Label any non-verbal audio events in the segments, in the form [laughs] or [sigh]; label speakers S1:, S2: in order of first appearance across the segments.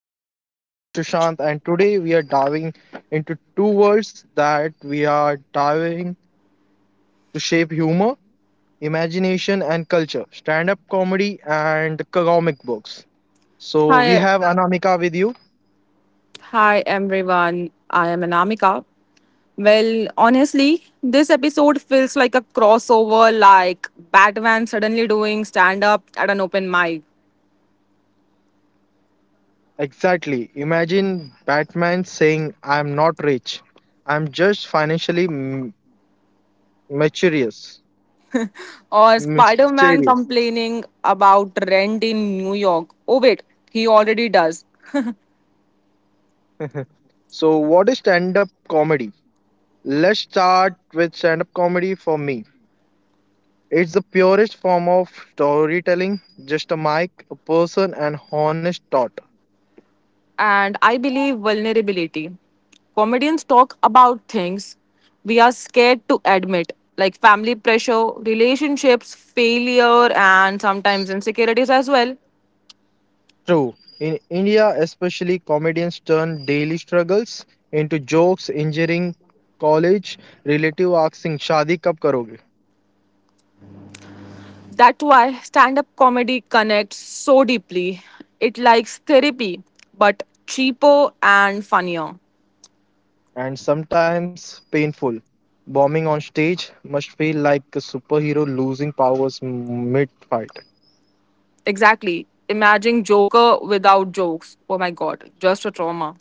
S1: podcast. I am Shushant and today we are diving into two worlds that we are diving to shape humor, imagination and culture, stand-up comedy and comic books. So we
S2: Hi,
S1: have Anamika with you.
S2: hi everyone. I am Anamika. Well, honestly, this episode feels like a crossover, like Batman suddenly doing stand up at an open mic,
S1: Exactly. Imagine Batman saying I am not rich. I am just mysterious.
S2: or Spider Man
S1: Mysterious.
S2: complaining about rent in New York. Oh, wait, he already does.
S1: So what is stand-up comedy? Let's start with stand-up comedy for me. It's the purest form of storytelling, just a mic, a person, and honest thought.
S2: And I believe vulnerability. Comedians talk about things we are scared to admit, like family pressure, relationships, failure, and sometimes insecurities as well.
S1: True. In India, especially, comedians turn daily struggles into jokes, injuring college, relative asking Shadi kab karoge,
S2: That's why stand up comedy connects so deeply. It likes therapy, but cheaper and funnier.
S1: and sometimes painful. Bombing on stage must feel like a superhero losing powers mid fight.
S2: Exactly. Imagine Joker without jokes. Oh my god, just a trauma.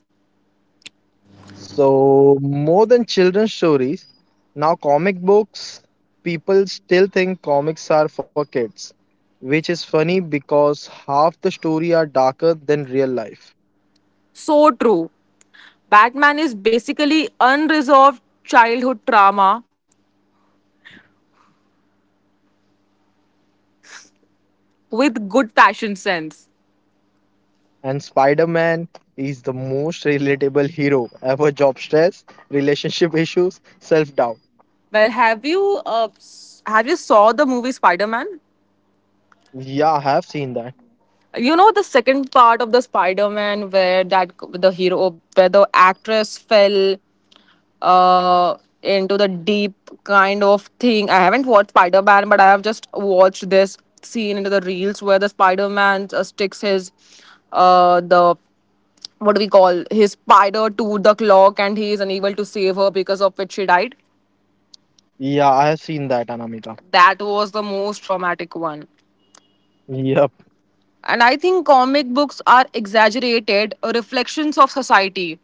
S1: So, more than children's stories, now comic books, people still think comics are for kids, which is funny because half the story are darker than real life.
S2: So true. Batman is basically unresolved childhood trauma with good fashion sense.
S1: And Spider Man is the most relatable hero ever job stress, relationship issues, self doubt.
S2: Well, have you have you saw the movie Spider Man?
S1: Yeah, I have seen that.
S2: You know the second part of the Spider Man where that the hero where the actress fell uh into the deep kind of thing. I haven't watched Spider Man, but I have just watched this scene into the reels where the Spider Man sticks his the what do we call his spider to the clock, and he is unable to save her because of which she died.
S1: Yeah, I have seen that, Anamika.
S2: That was the most traumatic one.
S1: Yep.
S2: And I think comic books are exaggerated reflections of society.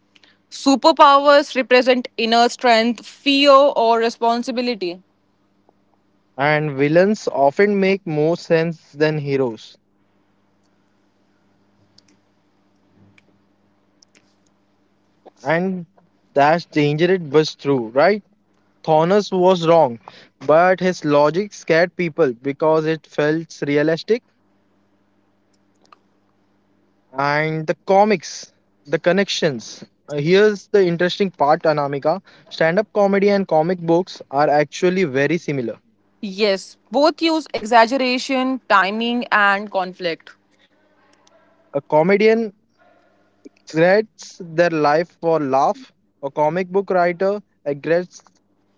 S2: Superpowers represent inner strength, fear, or responsibility.
S1: And villains often make more sense than heroes. And that's dangerous but true, right? Thanos was wrong, but his logic scared people because it felt realistic and the comics, the connections. Here's the interesting part, Anamika. Stand up comedy and comic books are actually very similar.
S2: Yes, both use exaggeration, timing, and conflict.
S1: A comedian regrets their life for laugh, a comic book writer regrets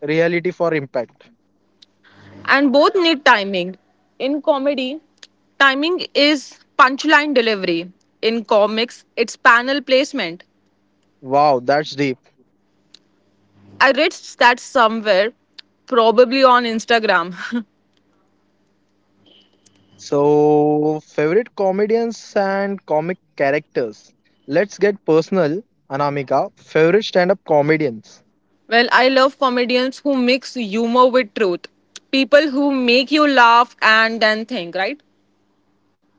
S1: reality for impact.
S2: And both need timing. In comedy, timing is punchline delivery. In comics, it's panel placement.
S1: Wow, that's deep.
S2: I read that somewhere, probably on Instagram. [laughs]
S1: So, favorite comedians and comic characters. Let's get personal, Anamika. Favorite stand up comedians.
S2: Well, I love comedians who mix humor with truth. People who make you laugh and then think, right?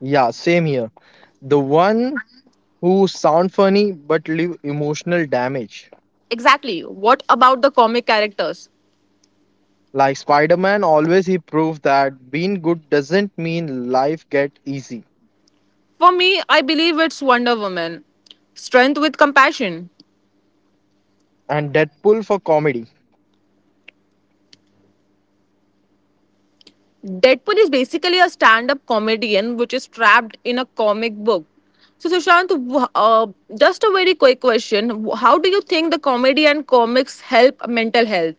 S1: Yeah, same here. The one who sound funny but leave emotional damage.
S2: Exactly. What about the comic characters?
S1: Like Spider Man, always he proved that being good doesn't mean life get easy.
S2: For me, I believe it's Wonder Woman. Strength with compassion.
S1: And Deadpool for comedy.
S2: Deadpool is basically a stand up comedian which is trapped in a comic book. So, Sushant, just a very quick question. How do you think the comedy and comics help mental health?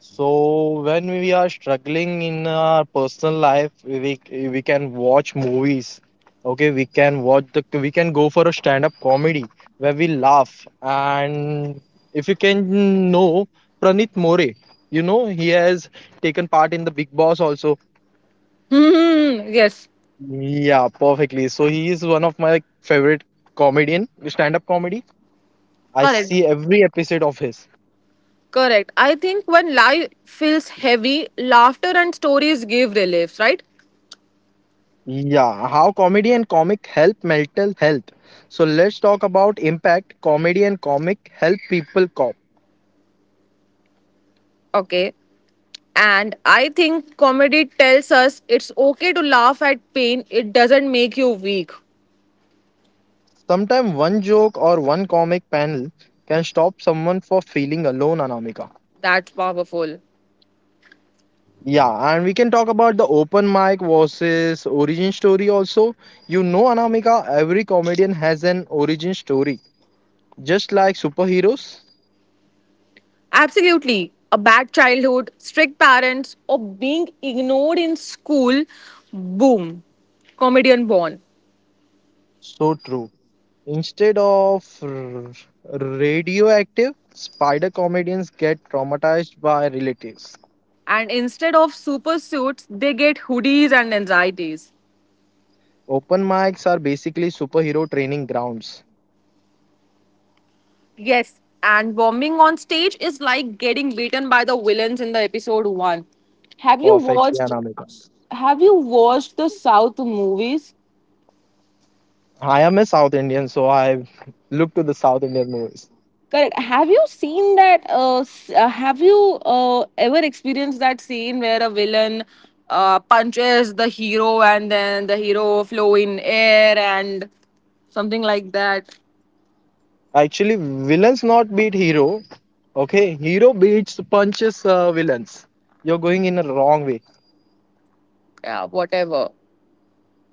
S1: So when we are struggling in our personal life, we can watch movies. Okay, we can watch the we can go for a stand-up comedy where we laugh. And if you can know Pranit More, you know he has taken part in the Big Boss also.
S2: Hmm, yes,
S1: Yeah, perfectly. So he is one of my favorite comedian, stand-up comedy. I
S2: correct.
S1: see every episode of his.
S2: Correct. I think when life feels heavy, laughter and stories give relief, right?
S1: Yeah, how comedy and comic help mental health. So let's talk about impact comedy and comic help people cope.
S2: Okay. And I think comedy tells us it's okay to laugh at pain, it doesn't make you weak.
S1: Sometimes one joke or one comic panel can stop someone from feeling alone, Anamika.
S2: That's powerful.
S1: Yeah, and we can talk about the open mic versus origin story also. You know, Anamika, every comedian has an origin story, just like superheroes.
S2: Absolutely. A bad childhood, strict parents, or being ignored in school, boom, comedian born.
S1: So true. Instead of radioactive, spider comedians get traumatized by relatives.
S2: And instead of super suits, they get hoodies and anxieties.
S1: Open mics are basically superhero training grounds.
S2: Yes, and bombing on stage is like getting beaten by the villains in the episode 1. Have you
S1: Perfect,
S2: watched
S1: yeah,
S2: have you watched the South movies?
S1: I am a South Indian, so I look to the South Indian movies.
S2: Correct. Have you seen that? Have you ever experienced that scene where a villain punches the hero and then the hero flow in air and something like that?
S1: Actually, villains not beat hero. Okay, hero beats punches villains. You're going in a wrong way.
S2: Yeah, whatever.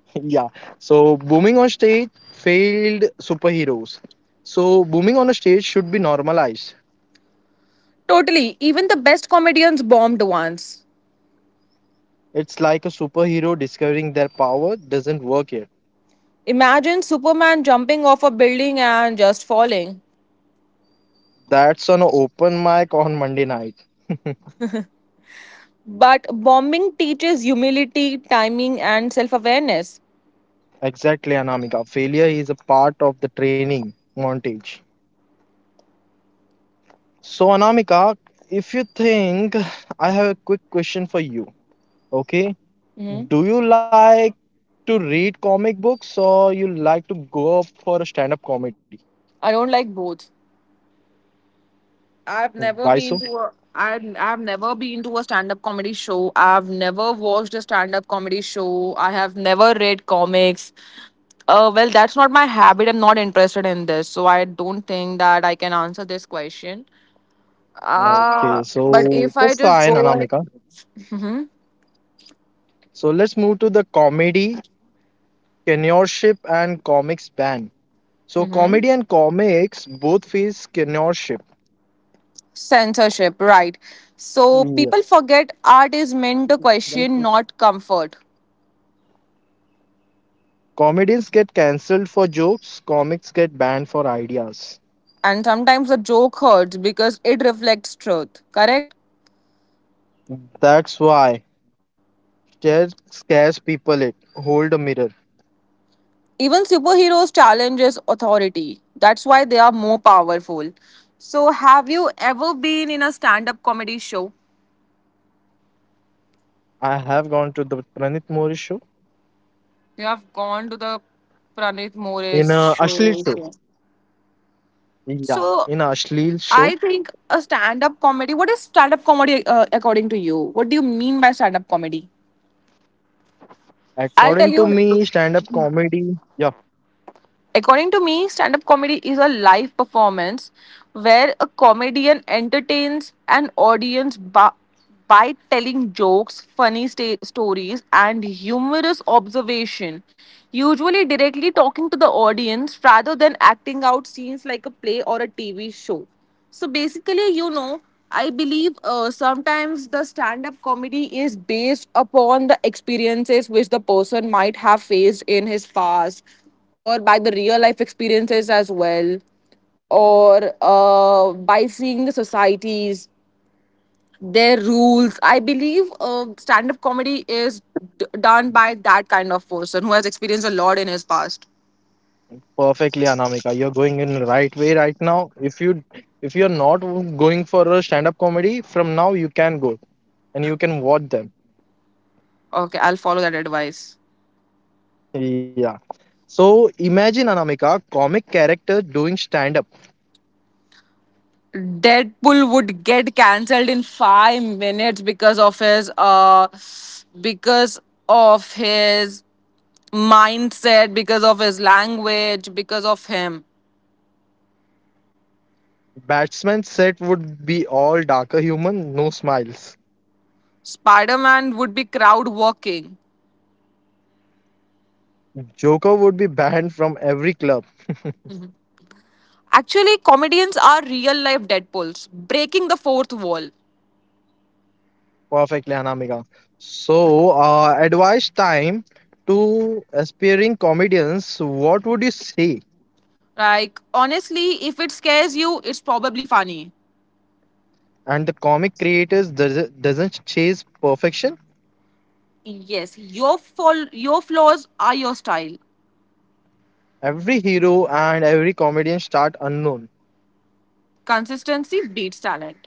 S1: [laughs] yeah. So booming on stage failed superheroes. So booming on a stage should be normalized.
S2: Totally. Even the best comedians bombed once.
S1: It's like a superhero discovering their power doesn't work yet.
S2: Imagine Superman jumping off a building and just falling.
S1: That's an open mic on Monday night.
S2: But bombing teaches humility, timing, and self awareness.
S1: Exactly, Anamika. Failure is a part of the training montage. So, Anamika, if you think, I have a quick question for you. Okay. Do you like to read comic books or you like to go up for a stand up comedy?
S2: I don't like both.
S1: Why so?
S2: I've never been to a I've never been to a stand-up comedy show. I've never watched a stand-up comedy show. I have never read comics. Well, that's not my habit. I'm not interested in this, so I don't think that I can answer this question.
S1: Okay,
S2: Uh, but
S1: so
S2: if I
S1: that's
S2: just
S1: fine,
S2: go,
S1: Anamika.
S2: hmm
S1: So let's move to the comedy, seniorship, and comics ban. So
S2: hmm
S1: comedy and comics both face censorship.
S2: censorship, right? So
S1: Yep.
S2: people forget art is meant to question, not comfort.
S1: Comedians get cancelled for jokes, comics get banned for ideas.
S2: And sometimes a joke hurts because it reflects truth. Correct?
S1: That's why stare scares people it. Hold a mirror.
S2: Even superheroes challenges authority. That's why they are more powerful. So have you ever been in a stand-up comedy show?
S1: I have gone to the Pranit Mori show
S2: Yeah, I've gone to the Pranit
S1: in a
S2: More's
S1: Ashleel show.
S2: show.
S1: Yeah, in a
S2: So
S1: Ashleel show.
S2: I think a stand-up comedy. What is stand-up comedy according to you? What do you mean by stand-up comedy? I'll tell
S1: According
S2: you.
S1: to me, stand up comedy. Yeah,
S2: According to me, stand up comedy is a live performance where a comedian entertains an audience by telling jokes, stories, and humorous observation, usually directly talking to the audience rather than acting out scenes like a play or a TV show. So basically, you know, I believe sometimes the stand up comedy is based upon the experiences which the person might have faced in his past, or by the real life experiences as well, or by seeing the societies, their rules. I believe stand up comedy is done by that kind of person who has experienced a lot in his past.
S1: perfectly, Anamika. You're going in the right way right now. If you're not going for a stand up comedy, from now you can go and you can watch them.
S2: Okay, I'll follow that advice.
S1: Yeah. So imagine Anamika, comic character doing stand up.
S2: Deadpool would get cancelled in 5 minutes because of his mindset, because of his language, because of him.
S1: Batsman set would be all darker human, no smiles.
S2: Spider-Man would be crowd walking.
S1: Joker would be banned from every club.
S2: Actually, comedians are real life Deadpools, breaking the fourth wall.
S1: Perfectly, Anamika. So, advice time to aspiring comedians. What would you say?
S2: Like honestly, if it scares you, it's probably funny.
S1: And the doesn't chase perfection.
S2: Yes, your fall, your flaws are your style.
S1: Every hero and every comedian start unknown.
S2: Consistency beats talent.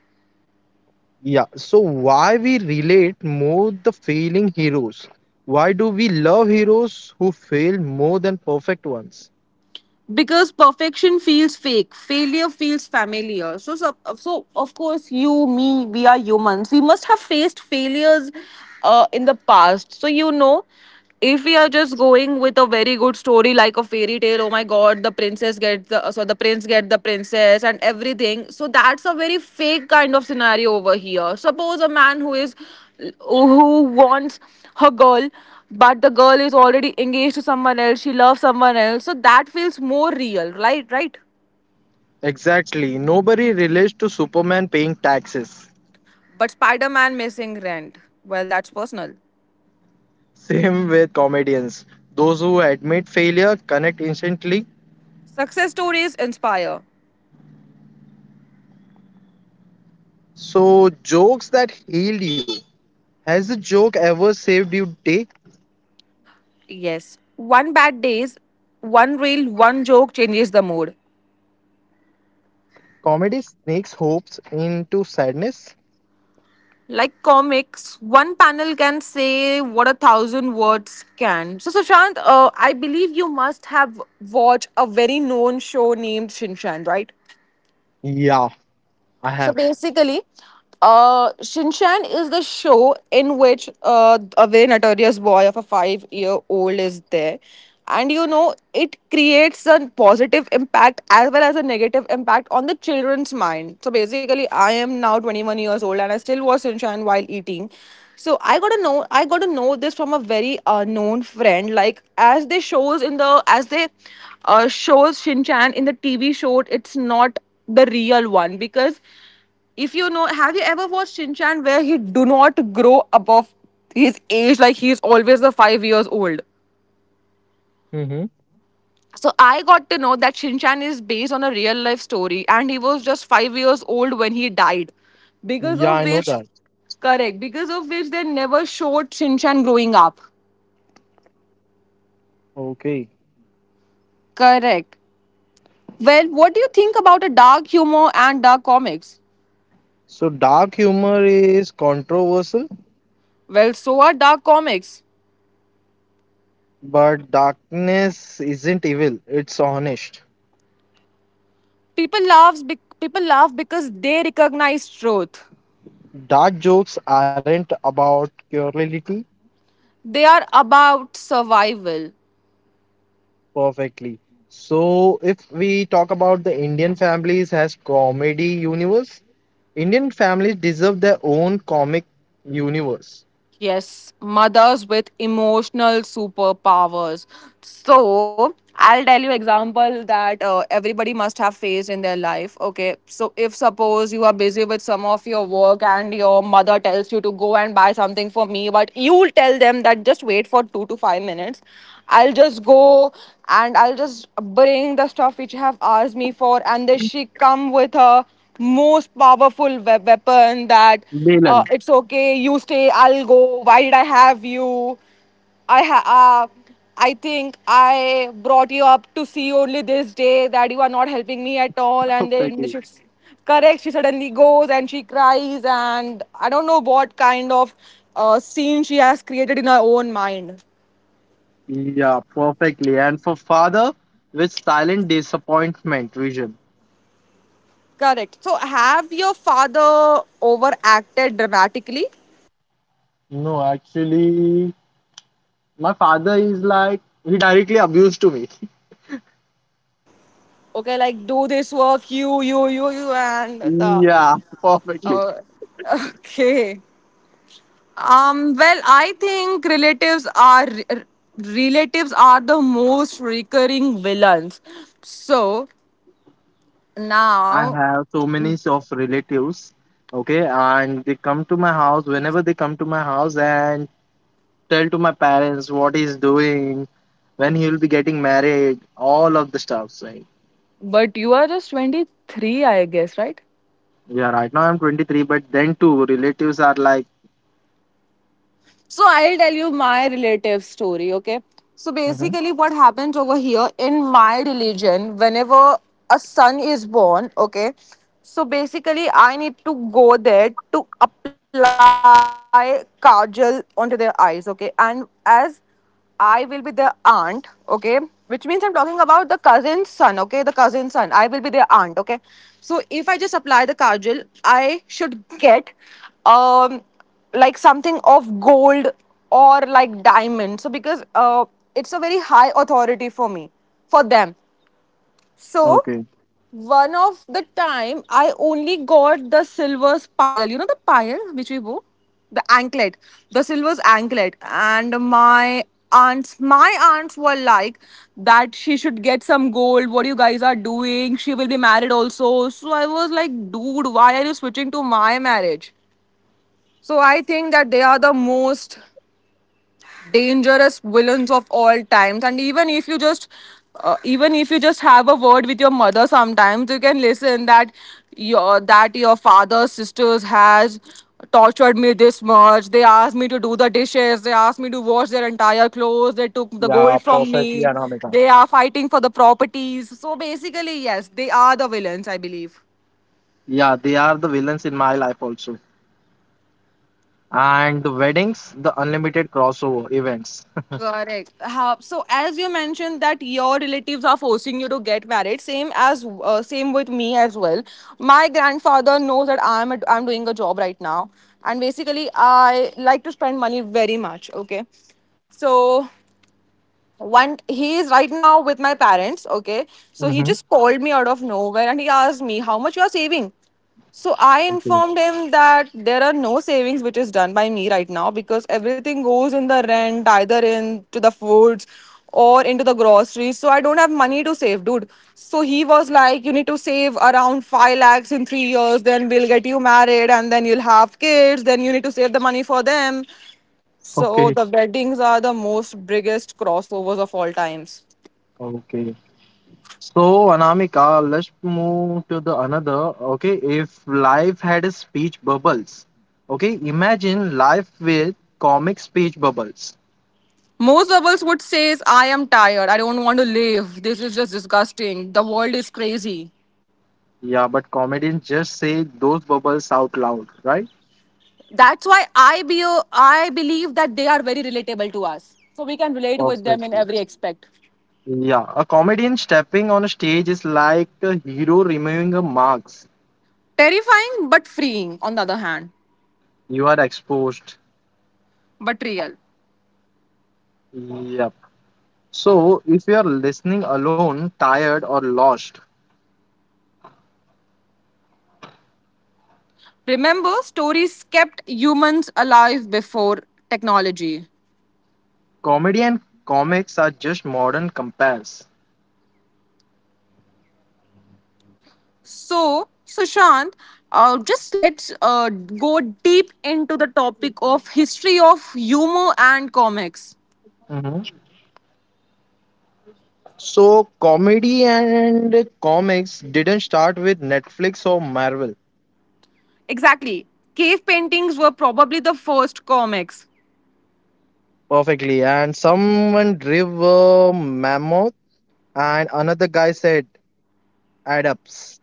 S1: Yeah, so why we relate more the failing heroes? Why do we love heroes who fail more than perfect ones?
S2: Because perfection feels fake, failure feels familiar. So, of course, you, me, we are humans, we must have faced failures in the past. So you know, if we are just going with a very good story like a fairy tale, oh my god, the princess gets the, the prince get the princess and everything. So that's a very fake kind of scenario over here. Suppose a man who is who wants her girl, but the girl is already engaged to someone else, she loves someone else. So that feels more real, right? Right.
S1: Exactly, nobody relates to Superman paying taxes.
S2: But Spider-Man missing rent, well, that's personal.
S1: [laughs] Same with comedians. Those who admit failure connect instantly.
S2: Success stories inspire.
S1: So, jokes that healed you. Has a joke ever saved you day?
S2: Yes, one bad days, one reel, one joke changes the mood,
S1: Comedy sneaks hopes into sadness?
S2: like comics, one panel can say what 1,000 words can. So Sushant, I believe you must have watched a very known show named Shinshan, right?
S1: Yeah, I have.
S2: So basically, Shinchan is the show in which a very notorious boy of a 5 year old is there. And you know, it creates a positive impact as well as a negative impact on the children's mind. So basically, I am now 21 years old and I still watch Shinchan while eating. So I got to know this from a very known friend. Like as they shows in the, as they shows Shinchan in the TV show, it's not the real one. Because if you know, have you ever watched Shin Chan where he do not grow above his age, like he is always the 5 years old?
S1: Hmm.
S2: So I got to know that Shin Chan is based on a real life story and he was just 5 years old when he died. Because
S1: Yeah,
S2: of
S1: I know
S2: which,
S1: that.
S2: correct, because of which they never showed Shin Chan growing up.
S1: Okay.
S2: Correct. Well, what do you think about a dark humor and dark comics?
S1: So dark humor is controversial,
S2: Well, so are dark comics.
S1: but darkness isn't evil, it's honest.
S2: People laugh because they recognize truth.
S1: Dark jokes aren't about curiosity
S2: They are about survival.
S1: perfectly. So if we talk about the Indian families as comedy universe, Indian families deserve their own comic universe.
S2: Yes, mothers with emotional superpowers. So, I'll tell you example that everybody must have faced in their life. Okay, so if suppose you are busy with some of your work and your mother tells you to go and buy something for me, but you'll tell them that just wait for 2 to 5 minutes. I'll just go and I'll just bring the stuff which you have asked me for, and then she come with her most powerful weapon that,
S1: Milan,
S2: it's okay, you stay, I'll go, why did I have you, I think I brought you up to see only this day that you are not helping me at all. And then
S1: perfectly.
S2: she, correct, she suddenly goes and she cries, and I don't know what kind of scene she has created in her own mind.
S1: Yeah, perfectly. And for father, with silent disappointment vision.
S2: Correct. So have your father overacted dramatically?
S1: No, actually, my father is like he directly abused to me. [laughs]
S2: Okay, like do this work, and the.
S1: Yeah, perfectly.
S2: Uh, [laughs] okay. Well, I think relatives are the most recurring villains. So
S1: I
S2: now,
S1: have so many of relatives, okay, and they come to my house whenever they come to my house and tell to my parents what he's doing, when he'll be getting married, all of the stuff. Like,
S2: but you are just 23, I guess, right?
S1: yeah, right now I'm 23, but then too, relatives are like,
S2: So I'll tell you my relative story, okay? So
S1: hmm
S2: basically, what happens over here in my religion, whenever a son is born, okay? So basically, I need to go there to apply kajal onto their eyes, okay? And as I will be the aunt, okay? Which means I'm talking about the cousin's son, okay? The cousin's son. I will be their aunt, okay? So if I just apply the kajal, I should get um like something of gold or like diamond. So because it's a very high authority for me, for them. So
S1: okay,
S2: one of the time I only got the silver's pile. You know the pile which we wore? The anklet. The silver's anklet. And my aunts were like, that she should get some gold, what you guys are doing, she will be married also. So I was like, dude, why are you switching to my marriage? So I think that they are the most dangerous villains of all times. And even if you just even if you just have a word with your mother, sometimes you can listen that your father's sisters has tortured me this much, they asked me to do the dishes, they asked me to wash their entire clothes, they took the
S1: yeah,
S2: gold from
S1: perfectly,
S2: me,
S1: Anamika.
S2: they are fighting for the properties. So basically, yes, they are the villains, I believe.
S1: Yeah, they are the villains in my life also. And the weddings, the unlimited crossover events.
S2: Correct. How, so as you mentioned that your relatives are forcing you to get married, same as same with me as well. My grandfather knows that I'm doing a job right now, and basically I like to spend money very much. Okay, so one he is right now with my parents, okay, so he
S1: [laughs]
S2: just called me out of nowhere and he asked me how much you are saving. So I
S1: Okay,
S2: informed him that there are no savings which is done by me right now, because everything goes in the rent, either into the foods or into the groceries. So I don't have money to save, dude. So he was like, you need to save around 5 lakhs in 3 years, then we'll get you married, and then you'll have kids, then you need to save the money for them. So
S1: okay,
S2: the weddings are the most biggest crossovers of all times.
S1: okay. So, Anamika, let's move to the another. Okay, if life had a speech bubbles, okay, imagine life with comic speech bubbles.
S2: Most couples would say is I am tired. I don't want to live. This is just disgusting. The world is crazy.
S1: Yeah, but comedians just say those bubbles out loud, right?
S2: That's why I be I believe that they are very relatable to us. So we can relate with them in
S1: Perfectly.
S2: every aspect.
S1: Yeah, a comedian stepping on a stage is like a hero removing a mask.
S2: Terrifying but freeing on the other hand,
S1: You are exposed.
S2: but real.
S1: Yep. So, if you are listening alone, tired, or lost,
S2: Remember, stories kept humans alive before technology.
S1: comedy and comics are just modern compass.
S2: So, Sushant, just let's go deep into the topic of history of humor and comics.
S1: Mhm. So, comedy and comics didn't start with Netflix or Marvel
S2: Exactly. Cave paintings were probably the first comics.
S1: perfectly. And someone drew a mammoth, and another guy said, add ups.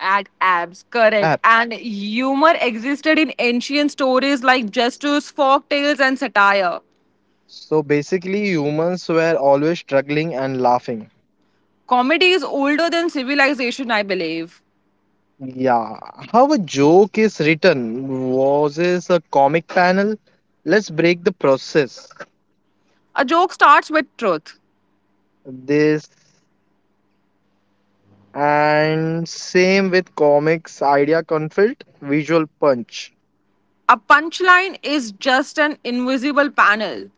S2: At abs, correct.
S1: App.
S2: And humor existed in ancient stories like gestures, folk tales, and satire.
S1: So, basically, humans were always struggling and laughing.
S2: Comedy is older than civilization, I believe.
S1: Yeah, how a joke is written was is a comic panel. Let's break the process.
S2: A joke starts with truth.
S1: This and same with comics, idea conflict, visual punch.
S2: A punchline is just an invisible panel.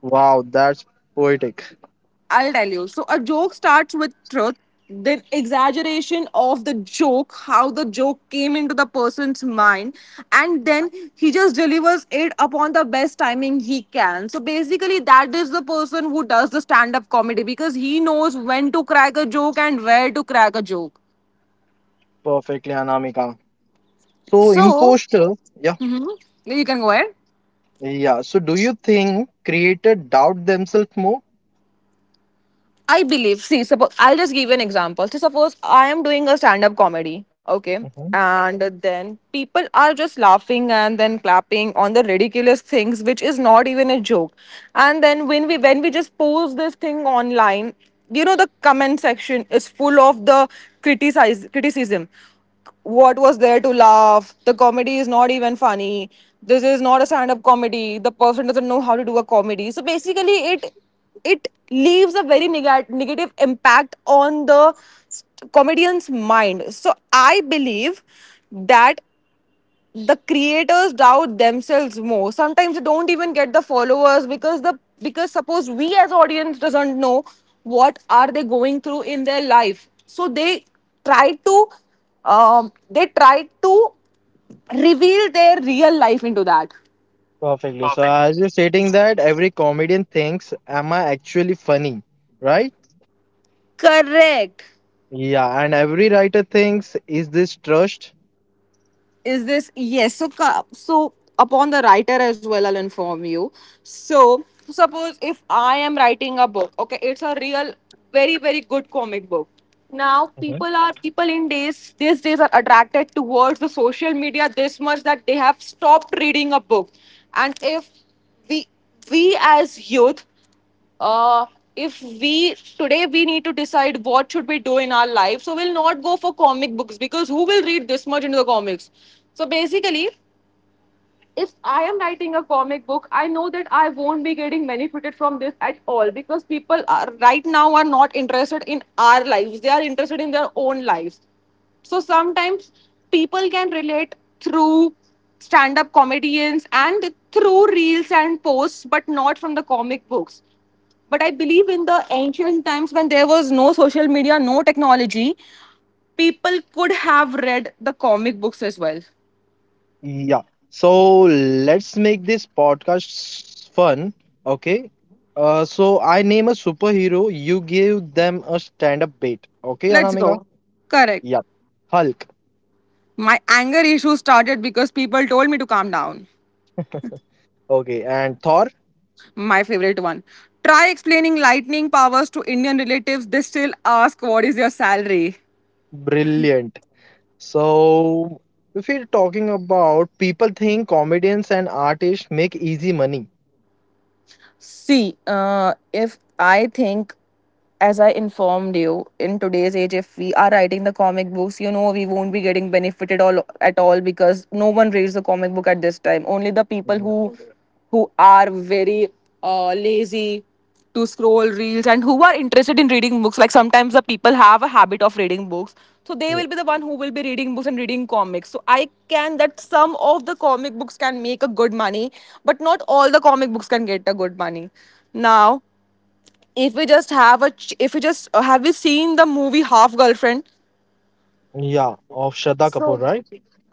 S1: Wow, that's poetic.
S2: I'll tell you. So a joke starts with truth, then exaggeration of the joke, how the joke came into the person's mind, and then he just delivers it upon the best timing he can. So basically, that is the person who does the stand up comedy, because he knows when to crack a joke and where to crack a joke.
S1: Perfectly, Anamika. So,
S2: So
S1: imposter, yeah,
S2: you can go ahead.
S1: yeah. So, do you think creator doubt themselves more?
S2: I believe, see, suppose I'll just give you an example. So, suppose I am doing a stand up comedy, okay,
S1: Mhm.
S2: and then people are just laughing and then clapping on the ridiculous things, which is not even a joke. And then when we just post this thing online, you know, the comment section is full of the criticize criticism. What was there to laugh? The comedy is not even funny. This is not a stand-up comedy. The person doesn't know how to do a comedy. So basically, it leaves a very negative impact on the comedian's mind. So I believe that the creators doubt themselves more. Sometimes they don't even get the followers, because the because suppose we as audience doesn't know what are they going through in their life. So try to they try to reveal their real life into that.
S1: Perfectly. So, as you're stating that, every comedian thinks, Am I actually funny? Right?
S2: Correct.
S1: Yeah, and every writer thinks, Is this trust?
S2: Is this yes so ca- So upon the writer as well, I'll inform you. So suppose if I am writing a book, okay, it's a real very good comic book. Now people in days, these days, are attracted towards the social media this much, that they have stopped reading a book. And if we as youth, uh, if we today we need to decide what should we do in our life, so we'll not go for comic books, because who will read this much into the comics? So basically, if I am writing a comic book, I know that I won't be getting benefited from this at all, because people are right now are not interested in our lives. They are interested in their own lives. So sometimes people can relate through stand up comedians and through reels and posts, but not from the comic books. But I believe in the ancient times, when there was no social media, no technology, people could have read the comic books as well.
S1: Yeah. So let's make this podcast fun. Okay. So I name a superhero. You give them a stand-up bait. Okay,
S2: Let's
S1: Anamika?
S2: go. Correct.
S1: Yep. Hulk.
S2: My anger issue started because people told me to calm down.
S1: Okay. And Thor?
S2: My favorite one. Try explaining lightning powers to Indian relatives, they still ask, what is your salary?
S1: Brilliant. So if we're talking about people think comedians and artists make easy money.
S2: See, if I think, as I informed you, in today's age, if we are writing the comic books, you know, we won't be getting benefited all at all, because no one reads the comic book at this time. Only the people
S1: Yeah.
S2: who are very lazy to scroll reels, and who are interested in reading books, like sometimes the people have a habit of reading books, so they
S1: Yeah.
S2: will be the one who will be reading books and reading comics. So I can that some of the comic books can make a good money, but not all the comic books can get a good money. Now if we just have a ch- if we just have you seen the movie Half Girlfriend?
S1: Yeah. Of Shraddha Kapoor,
S2: So
S1: right?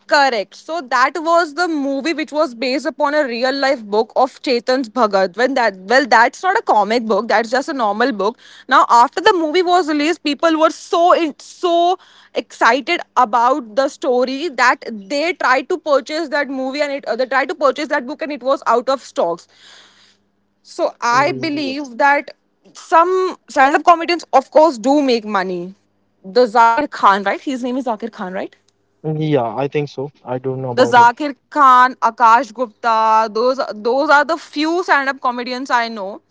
S2: correct. So that was the movie which was based upon a real life book of Chetan's Bhagat. When that well, that's not a comic book. That's just a normal book. Now, after the movie was released, people were so so excited about the story that they tried to purchase that movie, and it they tried to purchase that book, and it was out of stocks. So I
S1: Yeah.
S2: believe that some stand-up comedians, of course, do make money. The Zakir Khan, right? His name is Zakir Khan, right?
S1: Yeah, I think so. I don't know
S2: The
S1: about him.
S2: Zakir Khan, Akash Gupta, those are the few stand-up comedians I know.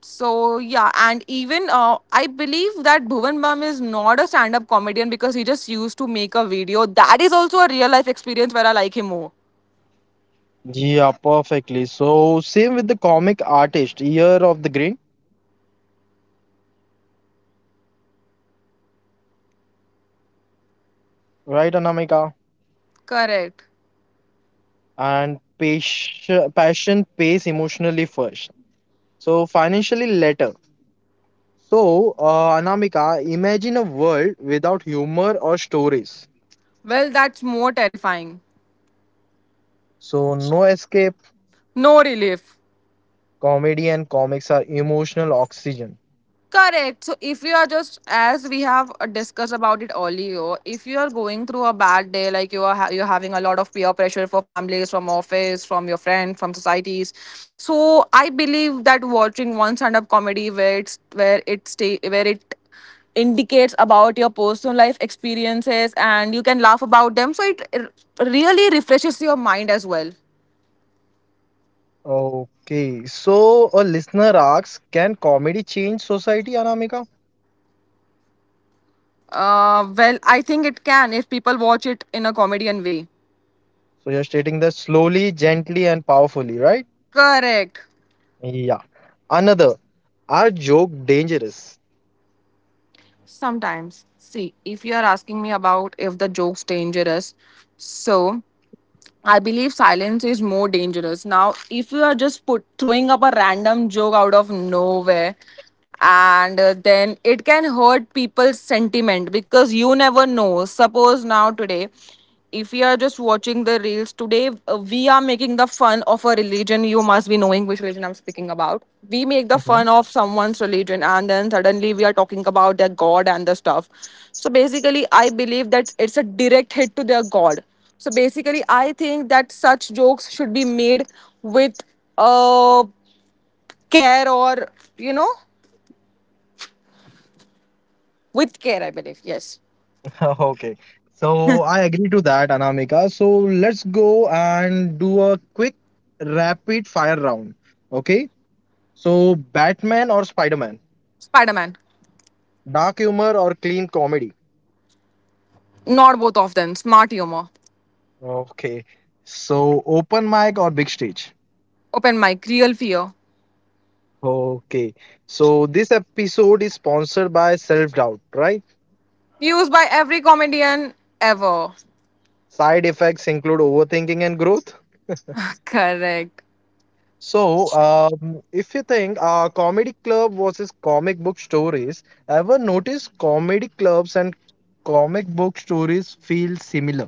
S2: So yeah, and even I believe that Bhuvan Bam is not a stand-up comedian, because he just used to make a video. That is also a real life experience where I like him more.
S1: Yeah, perfectly. So same with the comic artist, Year of the Grey, right, Anamika?
S2: Correct.
S1: And passion pays emotionally first. So financially later. So Anamika, imagine a world without humor or stories.
S2: Well, that's more terrifying.
S1: So no escape.
S2: No relief.
S1: Comedy and comics are emotional oxygen.
S2: Correct. So if you are just, as we have discussed about it earlier, if you are going through a bad day, like you are you're having a lot of peer pressure for families, from office, from your friend, from societies. So I believe that watching one stand-up comedy where it's where it stay where it indicates about your personal life experiences and you can laugh about them. So it really refreshes your mind as well.
S1: Okay. So a listener asks, can comedy change society, Anamika?
S2: Well, I think it can if people watch it in a comedian way.
S1: So you're stating that slowly, gently, and powerfully, right?
S2: Correct.
S1: Yeah. Another, are joke dangerous?
S2: Sometimes, see, if you are asking me about if the joke's dangerous, so I believe silence is more dangerous. Now, if you are just put throwing up a random joke out of nowhere, and then it can hurt people's sentiment, because you never know. Suppose now today, if you are just watching the reels today, we are making the fun of a religion. You must be knowing which religion I'm speaking about. We make the
S1: Mhm.
S2: fun of someone's religion, and then suddenly we are talking about their god and the stuff. So basically, I believe that it's a direct hit to their god. So basically, I think that such jokes should be made with uh, care, or, you know, with care, I believe. Yes.
S1: [laughs] Okay. So I agree to that, Anamika. So let's go and do a quick rapid fire round. Okay. So Batman or Spider-Man?
S2: Spider Man.
S1: Dark humor or clean comedy?
S2: Not both of them. Smart humor.
S1: Okay. So open mic or big stage?
S2: Open mic. Real fear.
S1: Okay. So this episode is sponsored by Self Doubt, right?
S2: Used by every comedian ever.
S1: Side effects include overthinking and growth.
S2: [laughs] Correct.
S1: So, if you think comedy club versus comic book stories, ever notice comedy clubs and comic book stories feel similar?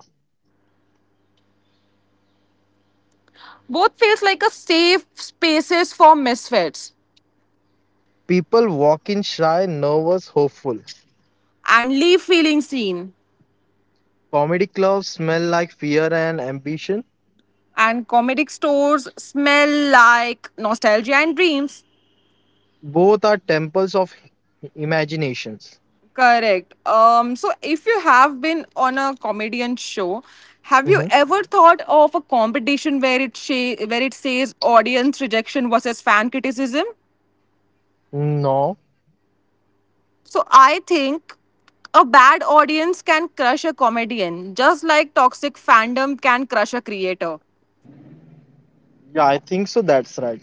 S2: Both feels like a safe spaces for misfits
S1: People walk in shy, nervous, hopeful.
S2: and leave feeling seen.
S1: Comedy clubs smell like fear and ambition.
S2: And comedic stores smell like nostalgia and dreams.
S1: Both are temples of imaginations.
S2: Correct. So, if you have been on a comedian show, have you
S1: Mhm.
S2: ever thought of a competition where where it says audience rejection versus fan criticism?
S1: No,
S2: So, I think a bad audience can crush a comedian, just like toxic fandom can crush a creator.
S1: yeah, I think so. That's right.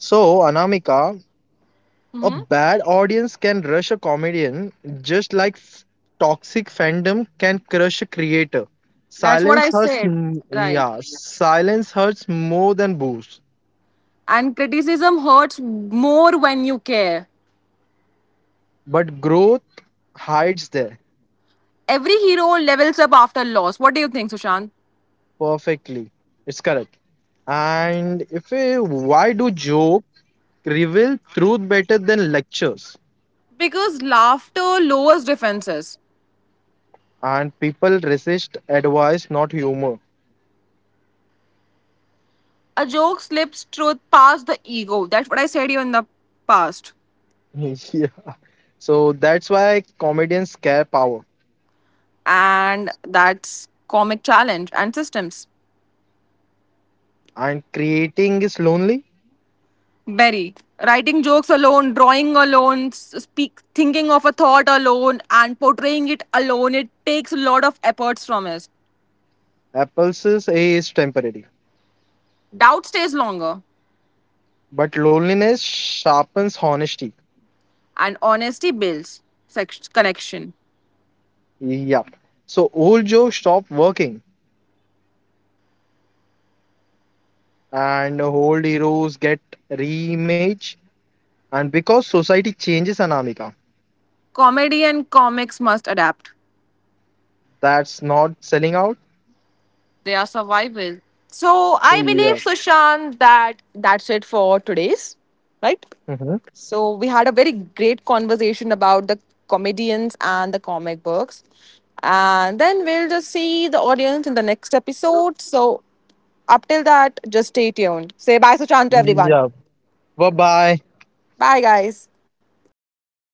S1: So, Anamika, a bad audience can rush a comedian just like toxic fandom can crush a creator.
S2: That's what I said. Right.
S1: Yeah, silence hurts more than boost,
S2: And criticism hurts more when you care.
S1: but growth hides there
S2: Every hero levels up after loss. What do you think, Sushant?
S1: perfectly. It's correct. And if we, why do joke reveal truth better than lectures?
S2: Because laughter lowers defenses.
S1: And people resist advice, not humor.
S2: A joke slips truth past the ego. That's what I said to you in the past.
S1: [laughs] yeah. So that's why comedians scare power.
S2: And that's comic challenge and systems.
S1: And creating is lonely
S2: Berry. Writing jokes alone, drawing alone, s- speak thinking of a thought alone and portraying it alone, it takes a lot of efforts from us.
S1: Apple's A is temporary,
S2: Doubt stays longer,
S1: but loneliness sharpens honesty.
S2: and honesty builds connection.
S1: Yeah. So old jokes stop working and old heroes get reimage. And because society changes, Anamika,
S2: Comedy and comics must adapt.
S1: that's not selling out.
S2: They are survival. So I believe,
S1: Yeah.
S2: Sushant, that that's it for today's, right?
S1: Hmm.
S2: So we had a very great conversation about the comedians and the comic books. And then we'll just see the audience in the next episode. So up till that, just stay tuned. Say bye, Sushant, to everyone.
S1: Yeah. Bye bye.
S2: Bye, guys.
S1: Bye, guys.